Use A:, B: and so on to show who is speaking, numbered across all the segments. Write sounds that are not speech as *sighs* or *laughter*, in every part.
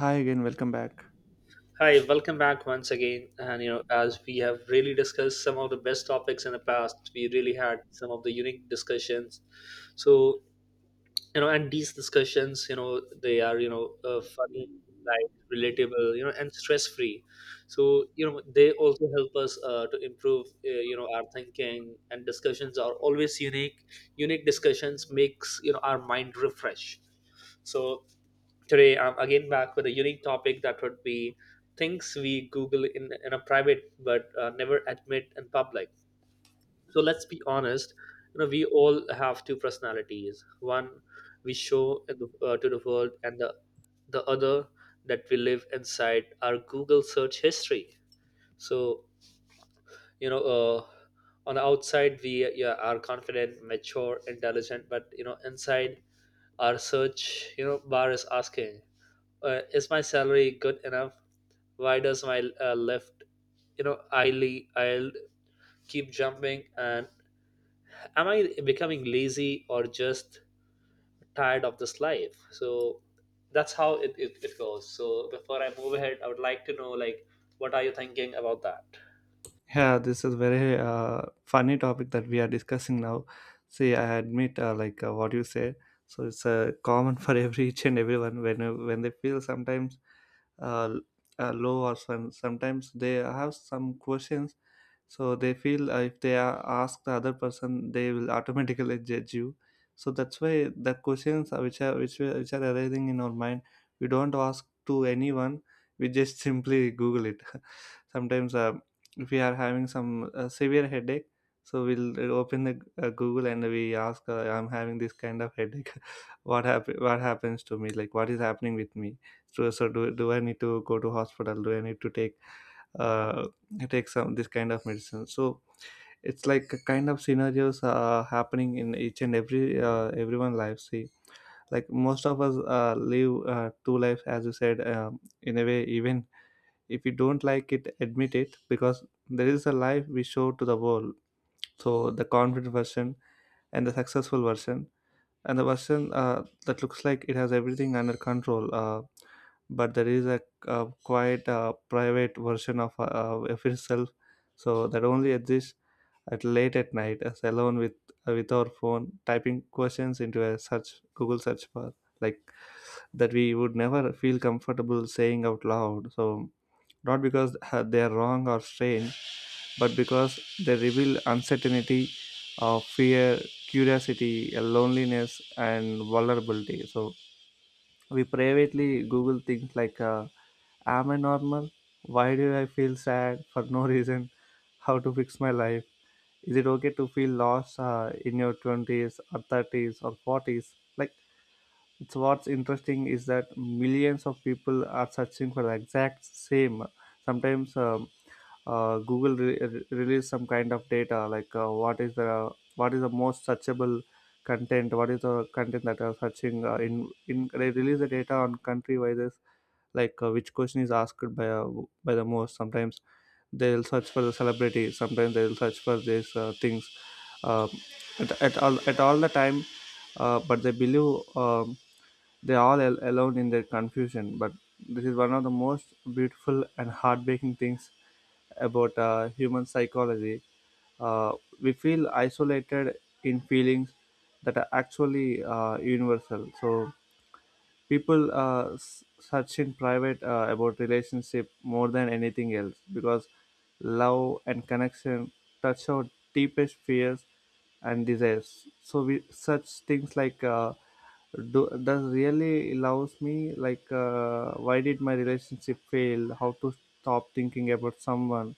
A: Hi again, welcome back.
B: Hi, welcome back once again. And as we have really discussed some of the best topics in the past, we really had some of the unique discussions. So and these discussions, they are funny, light, relatable, and stress free. So, they also help us to improve, our thinking. And discussions are always unique. Unique discussions makes our mind refresh. So today, I'm again back with a unique topic that would be things we Google in a private but never admit in public. So let's be honest, we all have two personalities. One we show in to the world, and the other that we live inside our Google search history. So you know uh, on the outside we, yeah, are confident, mature, intelligent, but inside our search bar is asking, is my salary good enough? Why does my left, you know i'll I'll keep jumping, and am I becoming lazy or just tired of this life? So that's how it goes. So before I move ahead, I would like to know, like, what are you thinking about that?
A: Yeah, this is very funny topic that we are discussing now. See, I admit, what you say, so it's common for *laughs* every each and everyone when they feel sometimes uh, l- low or sometimes they have some questions, so they feel, if they ask the other person they will automatically judge you. So that's why the questions which are arising in our mind, we don't ask to anyone. We just *laughs* simply google it. *laughs* Sometimes, if we are having some severe headache, so we'll open the google and we ask, I'm having this kind of headache. *laughs* What happens to me, like what is happening with me? So do I need to go to hospital, do I need to take uh, take some this kind of medicine? So it's like a kind of scenarios happening in each and every everyone life. See, like most of us live two lives as you said, in a way. Even if you don't like it, admit it, because there is a life we show to the world, so the confident version and the successful version and the version that looks like it has everything under control, but there is a, quite private version of itself. So that only exists at late at night as alone with, with our phone, typing questions into a search google search bar, like that we would never feel comfortable saying out loud. So not because they are wrong or strange, but because they reveal uncertainty, fear, curiosity, loneliness, and vulnerability. So we privately Google things like, am I normal? Why do I feel sad for no *laughs* reason? How to fix my life? Is it okay to feel lost in your 20s or 30s or 40s? Like, it's what's interesting is that millions of people are searching for the exact same, sometimes google release some kind of data, like what is the most searchable content, what is the content that are searching in they release the data on country wise, like which question is asked by the most. Sometimes they'll search for the celebrity, sometimes they'll search for these things, uh, at all the time. But they believe, they all alone in their confusion, but this is one of the most beautiful and heartbreaking things about human psychology. uh, we feel isolated in feelings that are actually universal. So people search in private about relationship more than anything else, because love and connection touch our deepest fears and desires. So we such things like, does really loves me, like, why did my relationship fail, how to stop thinking about someone,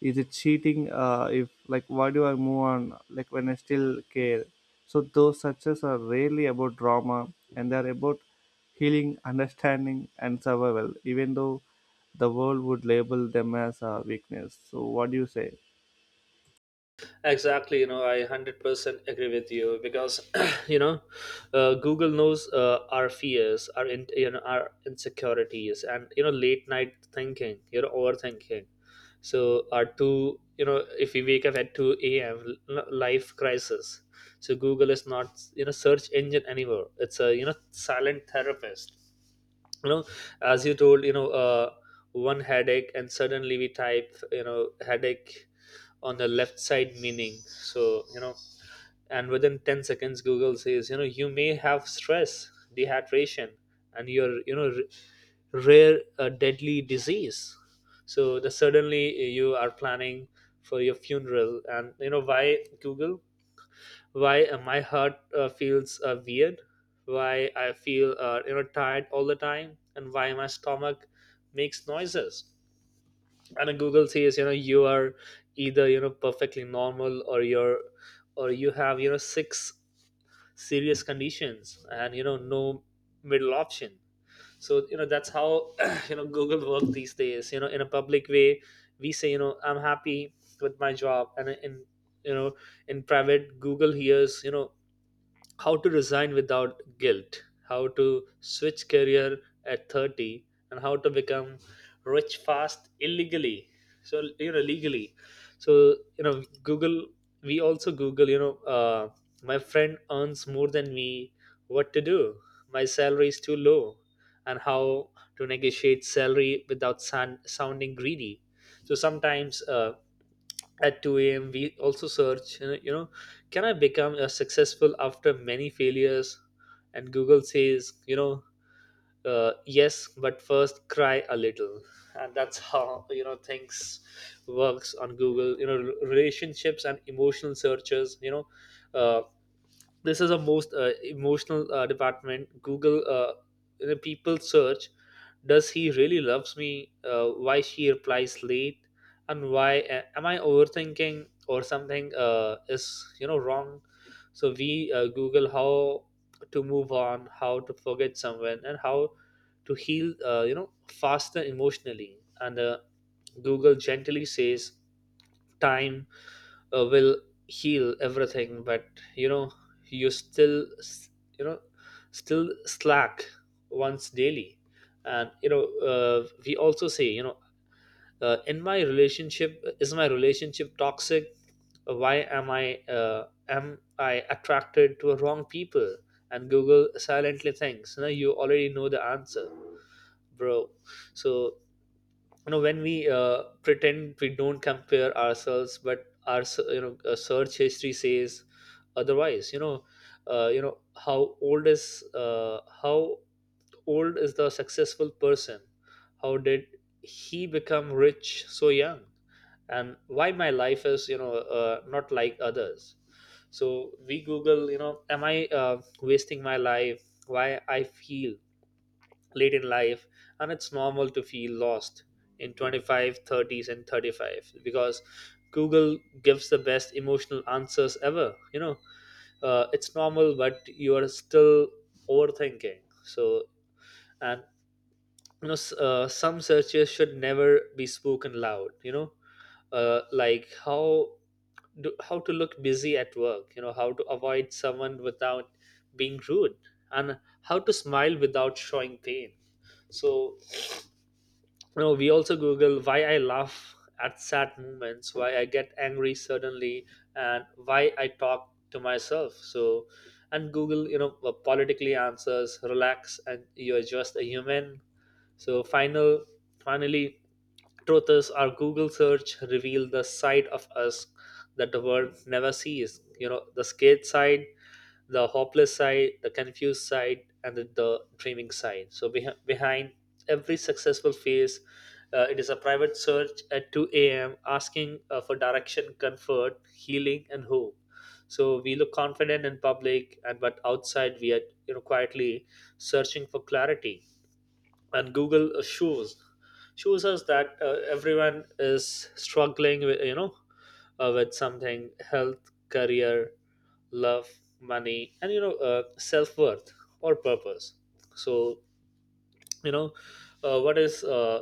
A: is it cheating if like why do I move on like when I still care. So those success are rarely about drama, and they're about healing, understanding, and survival, even though the world would label them as a weakness. So what do you say?
B: Exactly. I 100% agree with you because, *clears throat* you know, Google knows our fears, our insecurities, and late night thinking, overthinking. So, if we wake up at 2 a.m., life crisis. So, Google is not, search engine anymore. It's a, silent therapist. You know, as you told, one headache, and suddenly we type, headache on the left side meaning. So and within 10 seconds Google says, you may have stress, dehydration, and your, rare deadly disease. So the suddenly you are planning for your funeral. And why, Google? Why my heart feels weird? Why I feel tired all the time, and why my stomach makes noises? And Google says, you are either perfectly normal, or you have six serious conditions, and no middle option. So that's how, *clears throat* Google works these days. In a public way we say, I'm happy with my job. And you know in private Google hears, how to resign without guilt, how to switch career at 30, and how to become rich fast illegally. So, legally. So, Google, we also Google, my friend earns more than me, what to do? My salary is too low, and how to negotiate salary without sounding greedy. So sometimes, at 2 a.m. we also search, can I become a successful after many failures? And Google says, yes but first cry a little. And that's how, things works on Google. Relationships and emotional searches, uh, this is a most emotional department, Google. People search, does he really loves me? Why she replies late? And why am I overthinking, or something is, wrong? So we Google how to move on, how to forget someone, and how to heal faster emotionally. And Google gently says, time will heal everything, but you know you still you know still slack once daily. And we also say, in my relationship is my relationship toxic? Why am I attracted to wrong people? And Google silently thinks, you already know the answer, bro. So when we pretend we don't compare ourselves, but our search history says otherwise. How old is the successful person? How did he become rich so young? And why my life is, not like others? So we Google, am I wasting my life? Why I feel late in life? And it's normal to feel lost in 25, thirties, and 35, because Google gives the best emotional answers ever. It's normal but you are still overthinking. So, and some searches should never be spoken loud. Like how to look busy at work, how to avoid someone without being rude, and how to smile without showing pain. So, we also Google why I laugh at sad moments, why I get angry suddenly, and why I talk to myself. So, and Google, politically answers, relax, and you're just a human. So, finally, truth is our Google search reveal the side of us that the world never sees. The scared side, the hopeless side, the confused side, and the dreaming side. So behind every successful phase, it is a private search at 2 a.m. asking for direction, comfort, healing, and hope. So we look confident in public, and but outside we are, quietly searching for clarity, and Google, shows us that everyone is struggling with, something: health, career, love, money, and self-worth, or purpose. So you know what is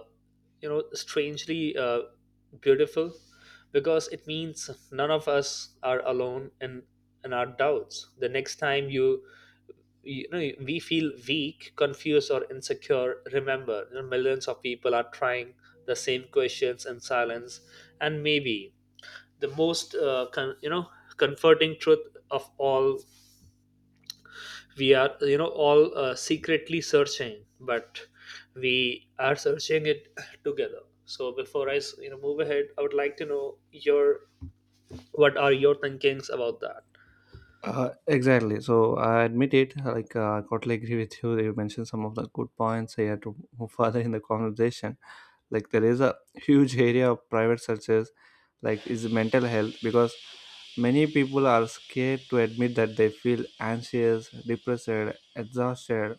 B: strangely beautiful, because it means none of us are alone in our doubts. The next time we feel weak, confused, or insecure, remember, millions of people are trying the same questions in silence. And maybe the most comforting truth of all, we are, all secretly searching, but we are searching it *clears throat* together. So before I move ahead, I would like to know your what are your thinkings about that?
A: Exactly. So I admit it. Like I totally agree with you. You mentioned some of the good points here to move *laughs* further in the conversation. Like there is a huge area of private searches, like is mental health, because many people are scared to admit that they feel anxious, depressed, exhausted,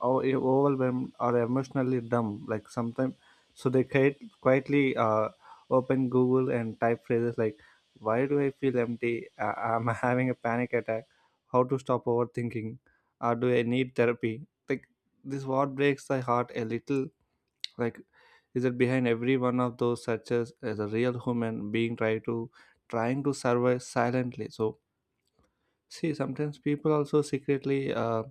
A: or overwhelmed or emotionally dumb. Like sometimes, so quietly open Google and type phrases like, "Why do I feel empty? Am I *laughs* having a panic attack? How to stop overthinking? Or do I need therapy?" Like this, what breaks my heart a little. Like, is that behind every one of those searches is a real human being trying to survive silently. So see, sometimes people also secretly,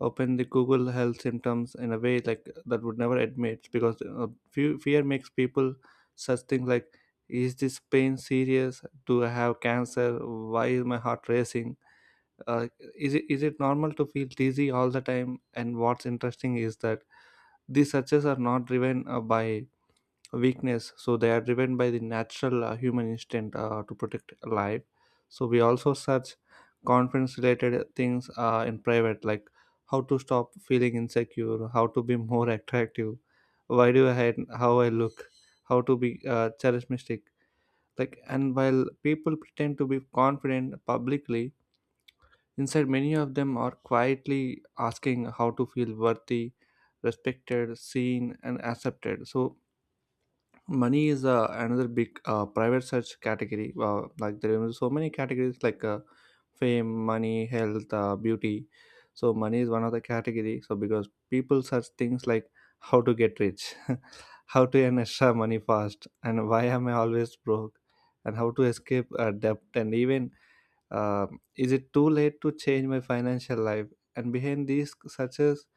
A: open the google health symptoms in a way like that would never admit, because fear makes people such things like, is this pain serious, do I have cancer, why is my heart racing, uh, is it normal to feel dizzy all the time? And what's interesting is that these searches are not driven by weakness, so they are driven by the natural human instinct to protect life. So we also search confidence related things in private, like how to stop feeling insecure, how to be more *laughs* attractive, why do I hate how I look, how to be charismatic. Like, and while people pretend to be confident publicly, inside many of them are quietly asking how to feel worthy, respected, seen, and accepted. So money is another big private search category, like there are so many categories like, fame, money, health, beauty. So money is one of the category. So because people search things like how to get rich, *laughs* how to earn extra money fast, and why am I always broke, and how to escape debt, and even, uh, is it too late to change my financial life? And behind these searches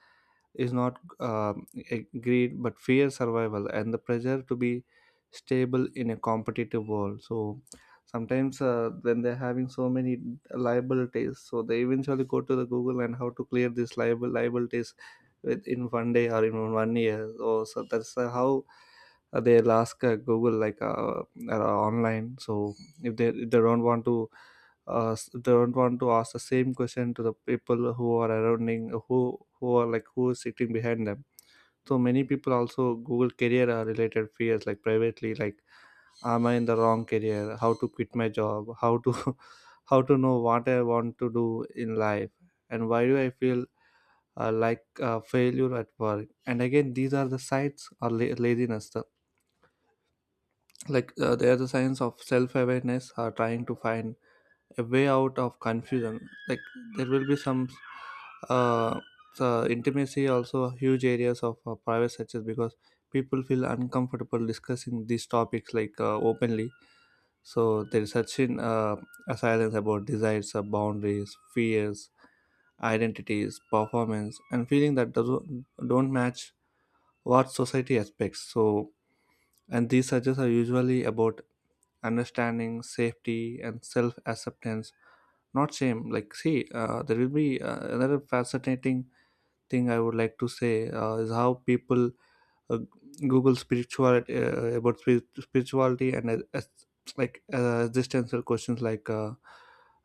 A: is not a greed, but fear, survival, and the pressure to be stable in a competitive world. So sometimes when they're having so many liabilities, so they eventually go to the google and how to clear this liable liabilities within one day or in one year. So that's how they'll ask google like, online. So if they don't want to don't want to ask the same question to the people who are surrounding, who are like who is sitting behind them. So many people also google career related fears like privately, like am I in the wrong career, how to quit my job, how to *laughs* how to know what I want to do in life, and why do I feel like failure at work. And again, these are the sites or laziness, like, they are the signs of self-awareness trying to find a way out of confusion. Like there will be some, uh, so intimacy also huge areas of private searches, because people feel uncomfortable discussing these topics like openly. So there is such in a silence about desires, boundaries, fears, identities, performance, and feeling that doesn't don't match what society expects. So and these searches are usually about understanding, safety, and self acceptance, not shame. Like see, there will be another fascinating thing I would like to say is how people uh, google spirituality, spirituality and like existential questions like, uh,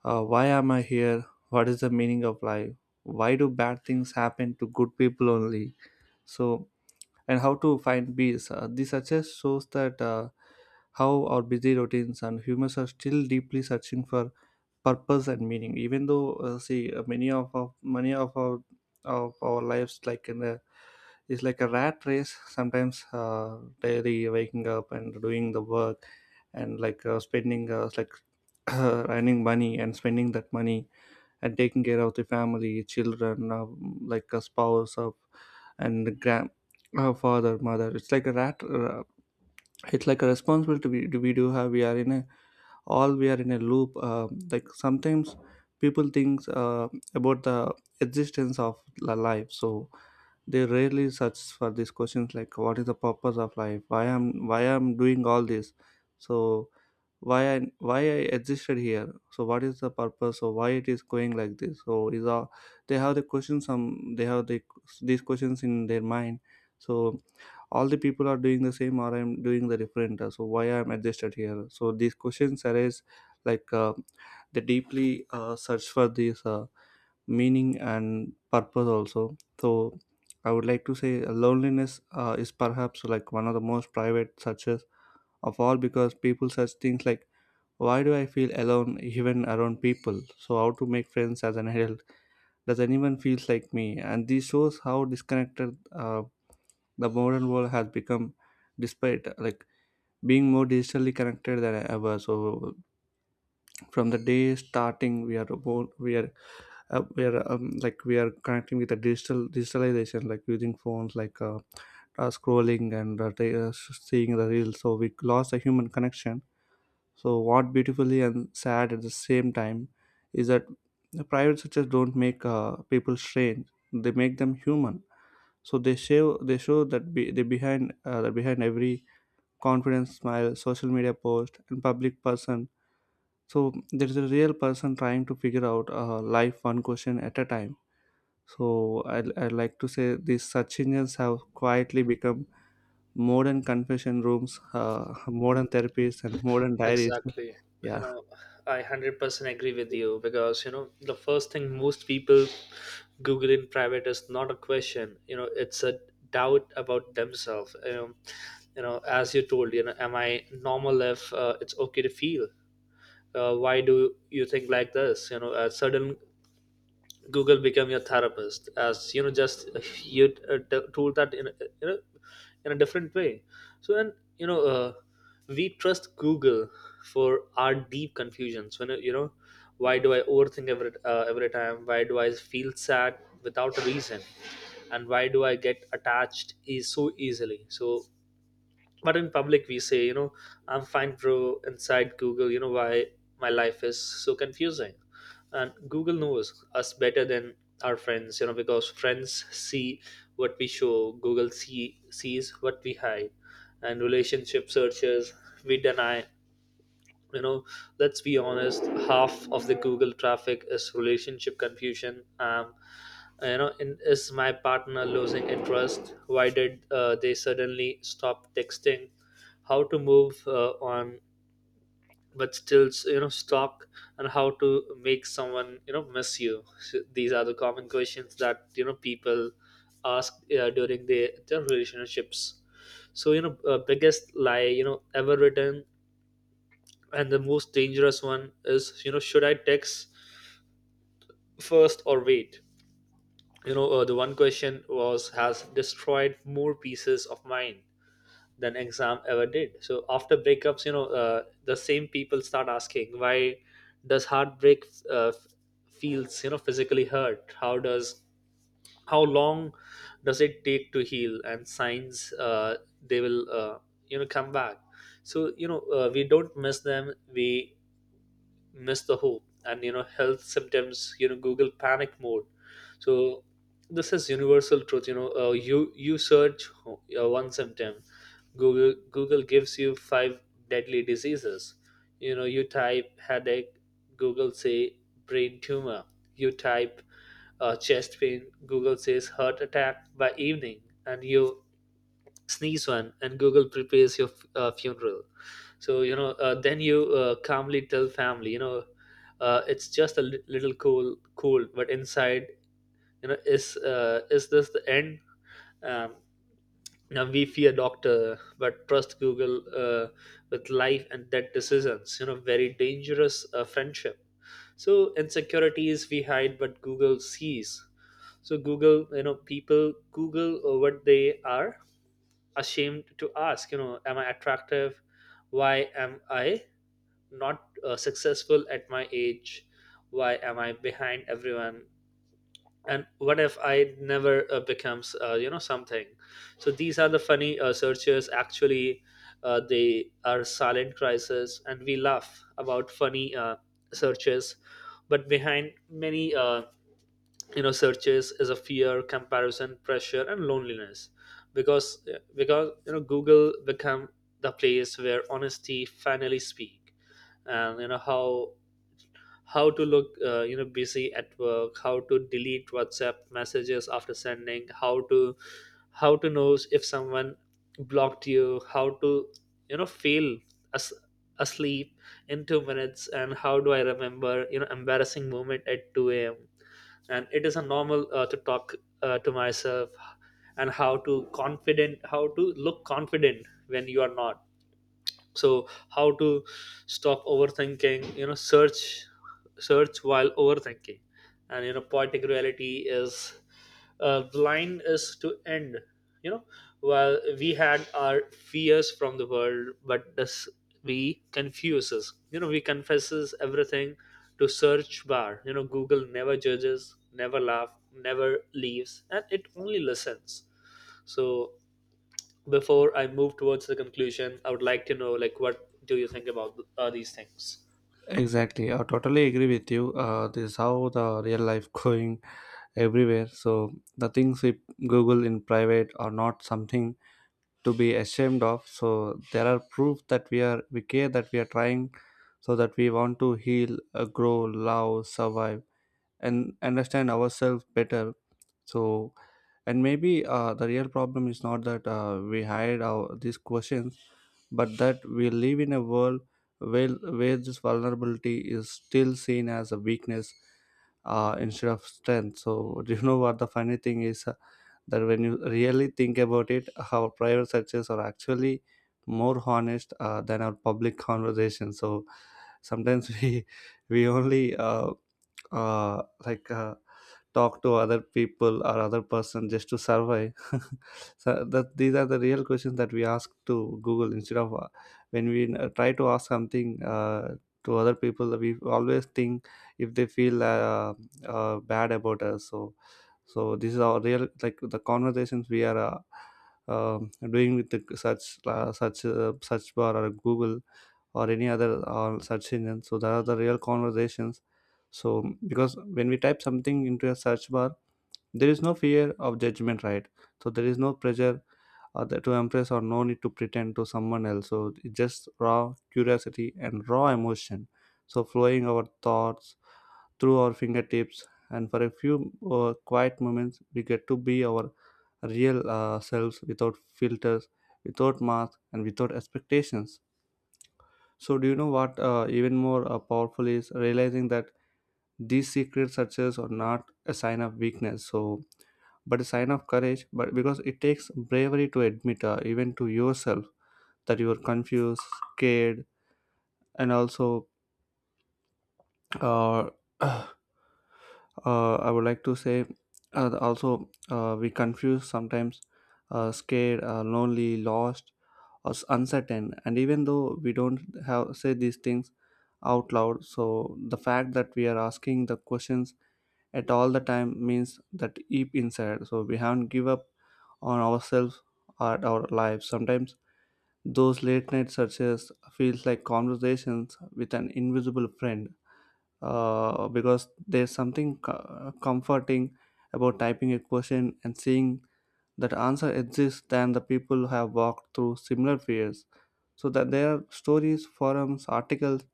A: uh, why am I here, what is the meaning of life, why do bad things happen to good people only. So and how to find peace. This success shows that how our busy routines and humans are still deeply searching for purpose and meaning, even though see, many of our lives like in the is like a rat race. Sometimes daily waking up and doing the work and like, spending like *coughs* *clears throat* earning money and spending that money, and taking care of the family, children, like a spouse of, and grand, father, mother. It's like a rat, it's like a responsibility we do have. We are in a loop, like sometimes people think about the existence of the life. So they rarely search for these questions, like what is the purpose of life? Why I'm doing all this? So why I existed here? So what is the purpose? So why it is going like this? So is all they have the questions, some they have the these questions in their mind. So all the people are doing the same, or I'm doing the different. So why I'm adjusted here? So these questions arise like uh, they deeply search for these meaning and purpose also. So I would like to say loneliness is perhaps like one of the most private searches of all, because people search things like, why do I feel alone even around people? So how to make friends as an adult? Does anyone feels like me? And this shows how disconnected the modern world has become despite like being more digitally connected than ever. So from the day starting we are like we are connecting with the digitalization like using phones, like scrolling and seeing the reels, so we lost a human connection. So what beautifully and sad at the same time is that the private sectors don't make people strange, they make them human. So they show that they behind that behind every confidence smile, social media post, and public person, so there is a real person trying to figure out life one question at a time. So I'd like to say these search engines have quietly become modern confession rooms, *laughs* modern therapies, and modern diaries.
B: Exactly. You
A: Yeah,
B: know, I 100% agree with you because, the first thing most people Google in private is not a question. It's a doubt about themselves. As you told, am I normal if it's okay to feel? Why do you think like this? A sudden Google become your therapist, as just *laughs* you tool that in you know in a different way. So and we trust Google for our deep confusions. When why do I overthink every time? Why do I feel sad without a reason? And why do I get attached is so easily? So but in public we say, I'm fine, bro. Inside Google, why my life is so confusing. And Google knows us better than our friends, because friends see what we show. Google sees what we hide. And relationship searches we deny. you know let's be honest, half of the Google traffic is relationship confusion. Is my partner losing interest? Why did they suddenly stop texting? How to move on but still, stuck? And how to make someone, miss you? So these are the common questions that, people ask during their relationships. So biggest lie, ever written, and the most dangerous one is, should I text first or wait? The one question was has destroyed more pieces of mine than exam ever did. So after breakups, the same people start asking, why does heartbreak uh, f- feels, physically hurt? How long does it take to heal? And signs they will, come back? So, we don't miss them, we miss the hope. And, health symptoms, Google panic mode. So this is universal truth. You search one symptom, Google gives you five deadly diseases. You type headache, Google say brain tumor. You type chest pain, Google says heart attack by evening. And you sneeze one, and Google prepares your funeral. So then you calmly tell family, it's just a little cold but inside, is this the end? um, now we fear doctor but trust Google uh, with life and death decisions, very dangerous friendship. So insecurities we hide but Google sees. So Google, people Google what they are ashamed to ask. Am I attractive? Why am I not successful at my age. Why am I behind everyone? And what if I never becomes something? So these are the funny searches. Actually, they are silent crisis and we laugh about funny searches. But behind many searches is a fear, comparison, pressure and loneliness. Because yeah, because google become the place where honesty finally speak. And you know how to look busy at work, how to delete whatsapp messages after sending, how to know if someone blocked you, how to feel as asleep in 2 minutes, and how do I remember embarrassing moment at 2 a.m. And it is a normal to talk to myself. And how to confident, how to look confident when you are not. So how to stop overthinking, search while overthinking. And you know, poetic reality is the line is to end. You know, while we had our fears from the world, but this, we confuses, we confesses everything to search bar. You know, google never judges, never laugh, never leaves, and it only listens. So before I move towards the conclusion, I would like to know, like, what do you think about these things?
A: exactly. I totally agree with you. This is how the real life *laughs* going everywhere. So the things we Google in private are not something to be ashamed of. So there are proof that we are, we care, that we are trying, so that we want to heal, grow, love, survive, and understand ourselves better. So and maybe the real problem is not that we hide our, these questions, but that we live in a world where this vulnerability is still seen as a weakness instead of strength. So *laughs* do you know what the funny thing is? That when you really think about it, our private searches are actually more honest than our public conversations. So sometimes *laughs* we only uh, like uh, talk to other people or other person just to survive. *laughs* So that these are the real questions that we ask to Google instead of when we try to ask something. To other people, we always think if they feel bad about us. So so this is our real, like, the conversations we are doing with the search bar or Google or any other search engine. So there are the real conversations. So because when we type something into a search bar, there is no fear of judgment, right? So there is no pressure to impress or no need to pretend to someone else. So it's just raw curiosity and raw emotion, so flowing our thoughts through our fingertips, and for a few quiet moments, we get to be our real selves without filters, without masks, and without expectations. So, do you know what even more powerful is? Realizing that these secret searches are not a sign of weakness, so but a sign of courage. But because it takes bravery to admit, even to yourself, that you are confused, scared, and also uh, *sighs* *clears throat* uh, I would like to say also we confuse sometimes, scared, lonely, lost, or uncertain. And even though we don't have say these things out loud, so the fact that we are asking the questions at all the time means that deep inside. So we haven't give up on ourselves or our lives. Sometimes those late night searches feels like conversations with an invisible friend, because there's something comforting about typing a question and seeing that answer exists than the people who have walked through similar fears, so that there are stories, forums, articles,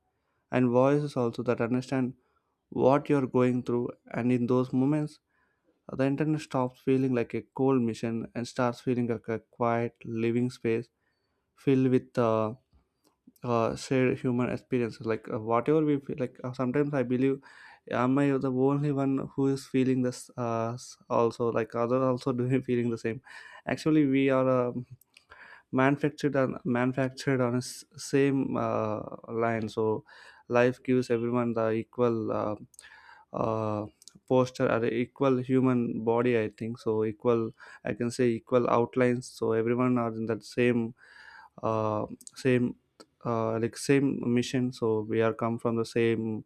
A: and voices also that understand what you're going through. And in those moments, the internet stops feeling like a cold mission and starts feeling like a quiet living space filled with shared human experiences. Like whatever we feel, like sometimes I believe, am I the only one who is feeling this also like other also *laughs* doing feeling the same? Actually we are manufactured on a same line. So life gives everyone the equal uh, posture or equal human body, I think, so equal, I can say equal outlines. So everyone are in that uh, same like same mission. So we are come from the same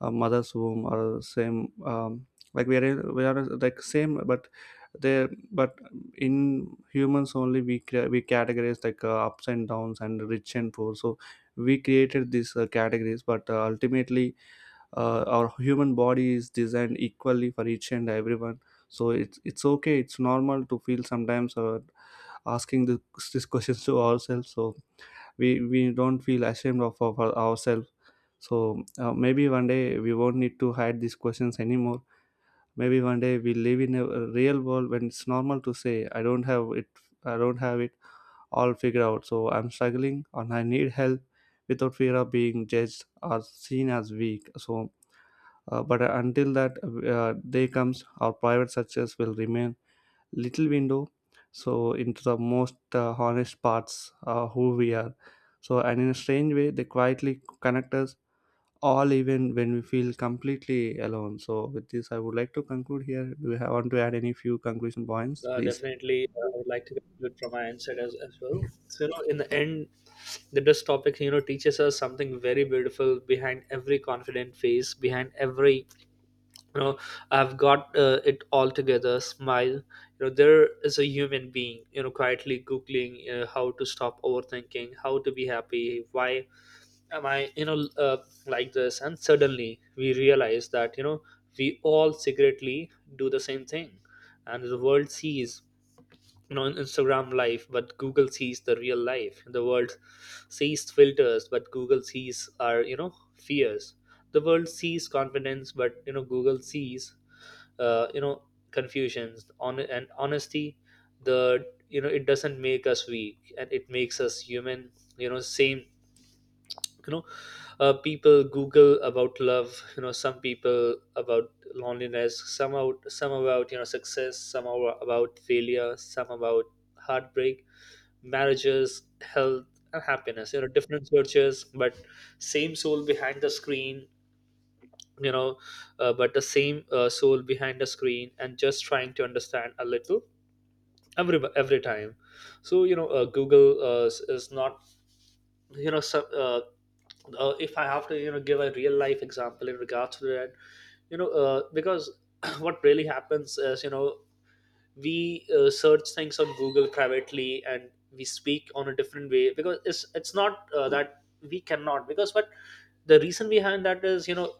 A: mother's womb or same like we are like same, but they but in humans only we we categorize like ups and downs and rich and poor. So we created these categories, but ultimately our human body is designed equally for each and everyone. So it's okay, it's normal to feel sometimes asking this, these *laughs* questions to ourselves. So we don't feel ashamed of ourselves. So maybe one day we won't need to hide these questions anymore. Maybe one day we live in a real world when it's normal to say, I don't have it, I don't have it all figured out. So I'm struggling and I need help, without fear of being judged or seen as weak. So, but until that day comes, our private success will remain little window. So into the most honest parts who we are. So and in a strange way, they quietly connect us all even when we feel completely alone. So with this I would like to conclude here. Do you have, want to add any few conclusion points please?
B: Definitely, I would like to conclude from my end side as well. So, you know, in the end, the this topic, you know, teaches us something very beautiful. Behind every confident face, behind every, you know, I've got it all together smile. You know, there is a human being, you know, quietly googling, you know, how to stop overthinking, how to be happy, why am I, like this? And suddenly we realize that, you know, we all secretly do the same thing. And the world sees, you know, Instagram life, but Google sees the real life. The world sees filters, but Google sees our, you know, fears. The world sees confidence, but you know, Google sees, uh, you know, confusions. On and honesty, the you know, it doesn't make us weak, and it makes us human. You know, same. You know, people google about love. You know, some people about loneliness. Some about, you know, success. Some about failure. Some about heartbreak, marriages, health, and happiness. You know, different churches, but same soul behind the screen. You know, but the same soul behind the screen, and just trying to understand a little every time. So you know, Google is not, you know. If I have to, you know, give a real life example in regards to that, you know, because *clears throat* what really happens is, you know, we search things on google privately, and we speak on a different way because it's not that we cannot, because but the reason behind that is, you know,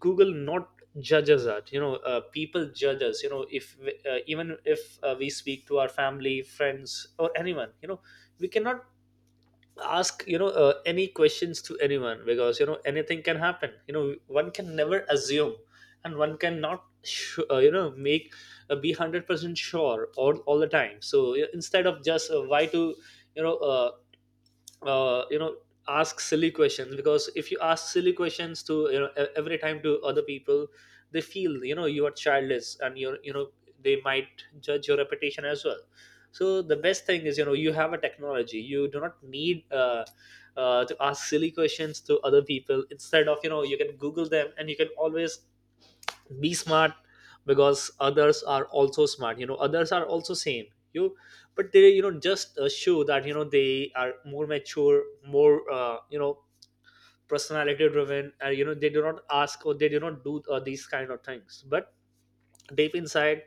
B: google not judges us. You know, people judge us, you know, if we- even if we speak to our family, friends or anyone. You know, we cannot ask, you know, any questions to anyone, because you know, anything can happen. You know, one can never assume, and one cannot you know, make be 100% sure all the time. So yeah, instead of just why to you know uh, uh, you know ask silly questions. Because if you ask silly questions to, you know, every time to other people, they feel, you know, you are childish, and you know, they might judge your reputation as well. So the best thing is, you know, you have a technology, you do not need to ask silly questions to other people. Instead of, you know, you can google them, and you can always be smart. Because others are also smart, you know, others are also same. You, but they, you know, just show that, you know, they are more mature, more personality driven, and you know, they do not ask or they do not do these kind of things. But deep inside,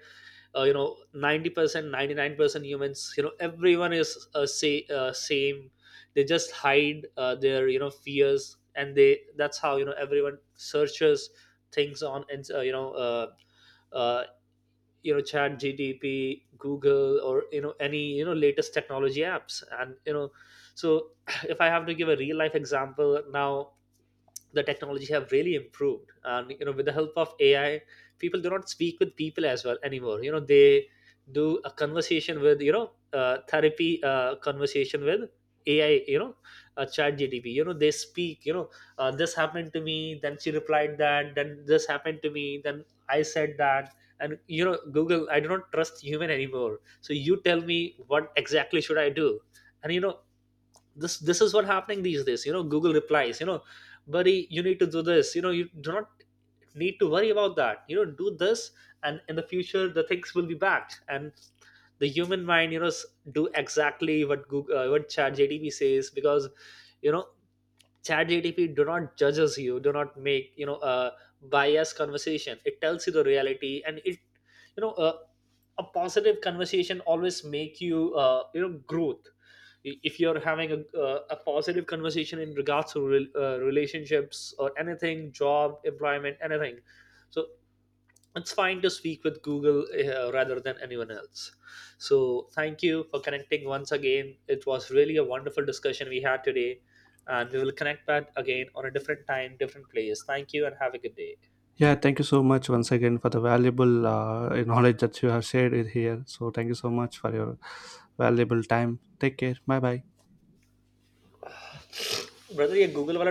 B: you know, 90% 99% humans, you know, everyone is say same. They just hide their, you know, fears, and they, that's how, you know, everyone searches things on. And uh, you know, chat gdp, google, or you know, any, you know, latest technology apps, and you know. So *clears throat* if I have to give a real life example now, the technology have really improved. And you know, with the help of AI, people do not speak with people as well anymore. You know, they do a conversation with, you know, therapy conversation with AI. You know, chat GTP. You know, they speak, you know, this happened to me, then she replied that, then this happened to me, then I said that. And you know, google, I do not trust human anymore, so you tell me what exactly should I do. And you know, this is what happening these days. You know, google replies, you know, buddy, you need to do this. You know, you do not need to worry about that. You know, do this. And in the future, the things will be backed, and the human mind, you know, do exactly what google what chat JDB says. Because you know, chat GTP do not judges you, do not make, you know, a biased conversation. It tells you the reality, and it, you know, a positive conversation always make you you know, growth. If you're having a positive conversation in regards to relationships or anything, job, employment, anything. So it's fine to speak with Google rather than anyone else. So, thank you for connecting once again. It was really a wonderful discussion we had today, and we will connect back again on a different time, different place. Thank you, and have a good day,
A: Yeah, thank you so much once again for the valuable knowledge that you have shared with here. So thank you so much for your valuable time. Take care, bye bye.
B: brother. ये Google वाला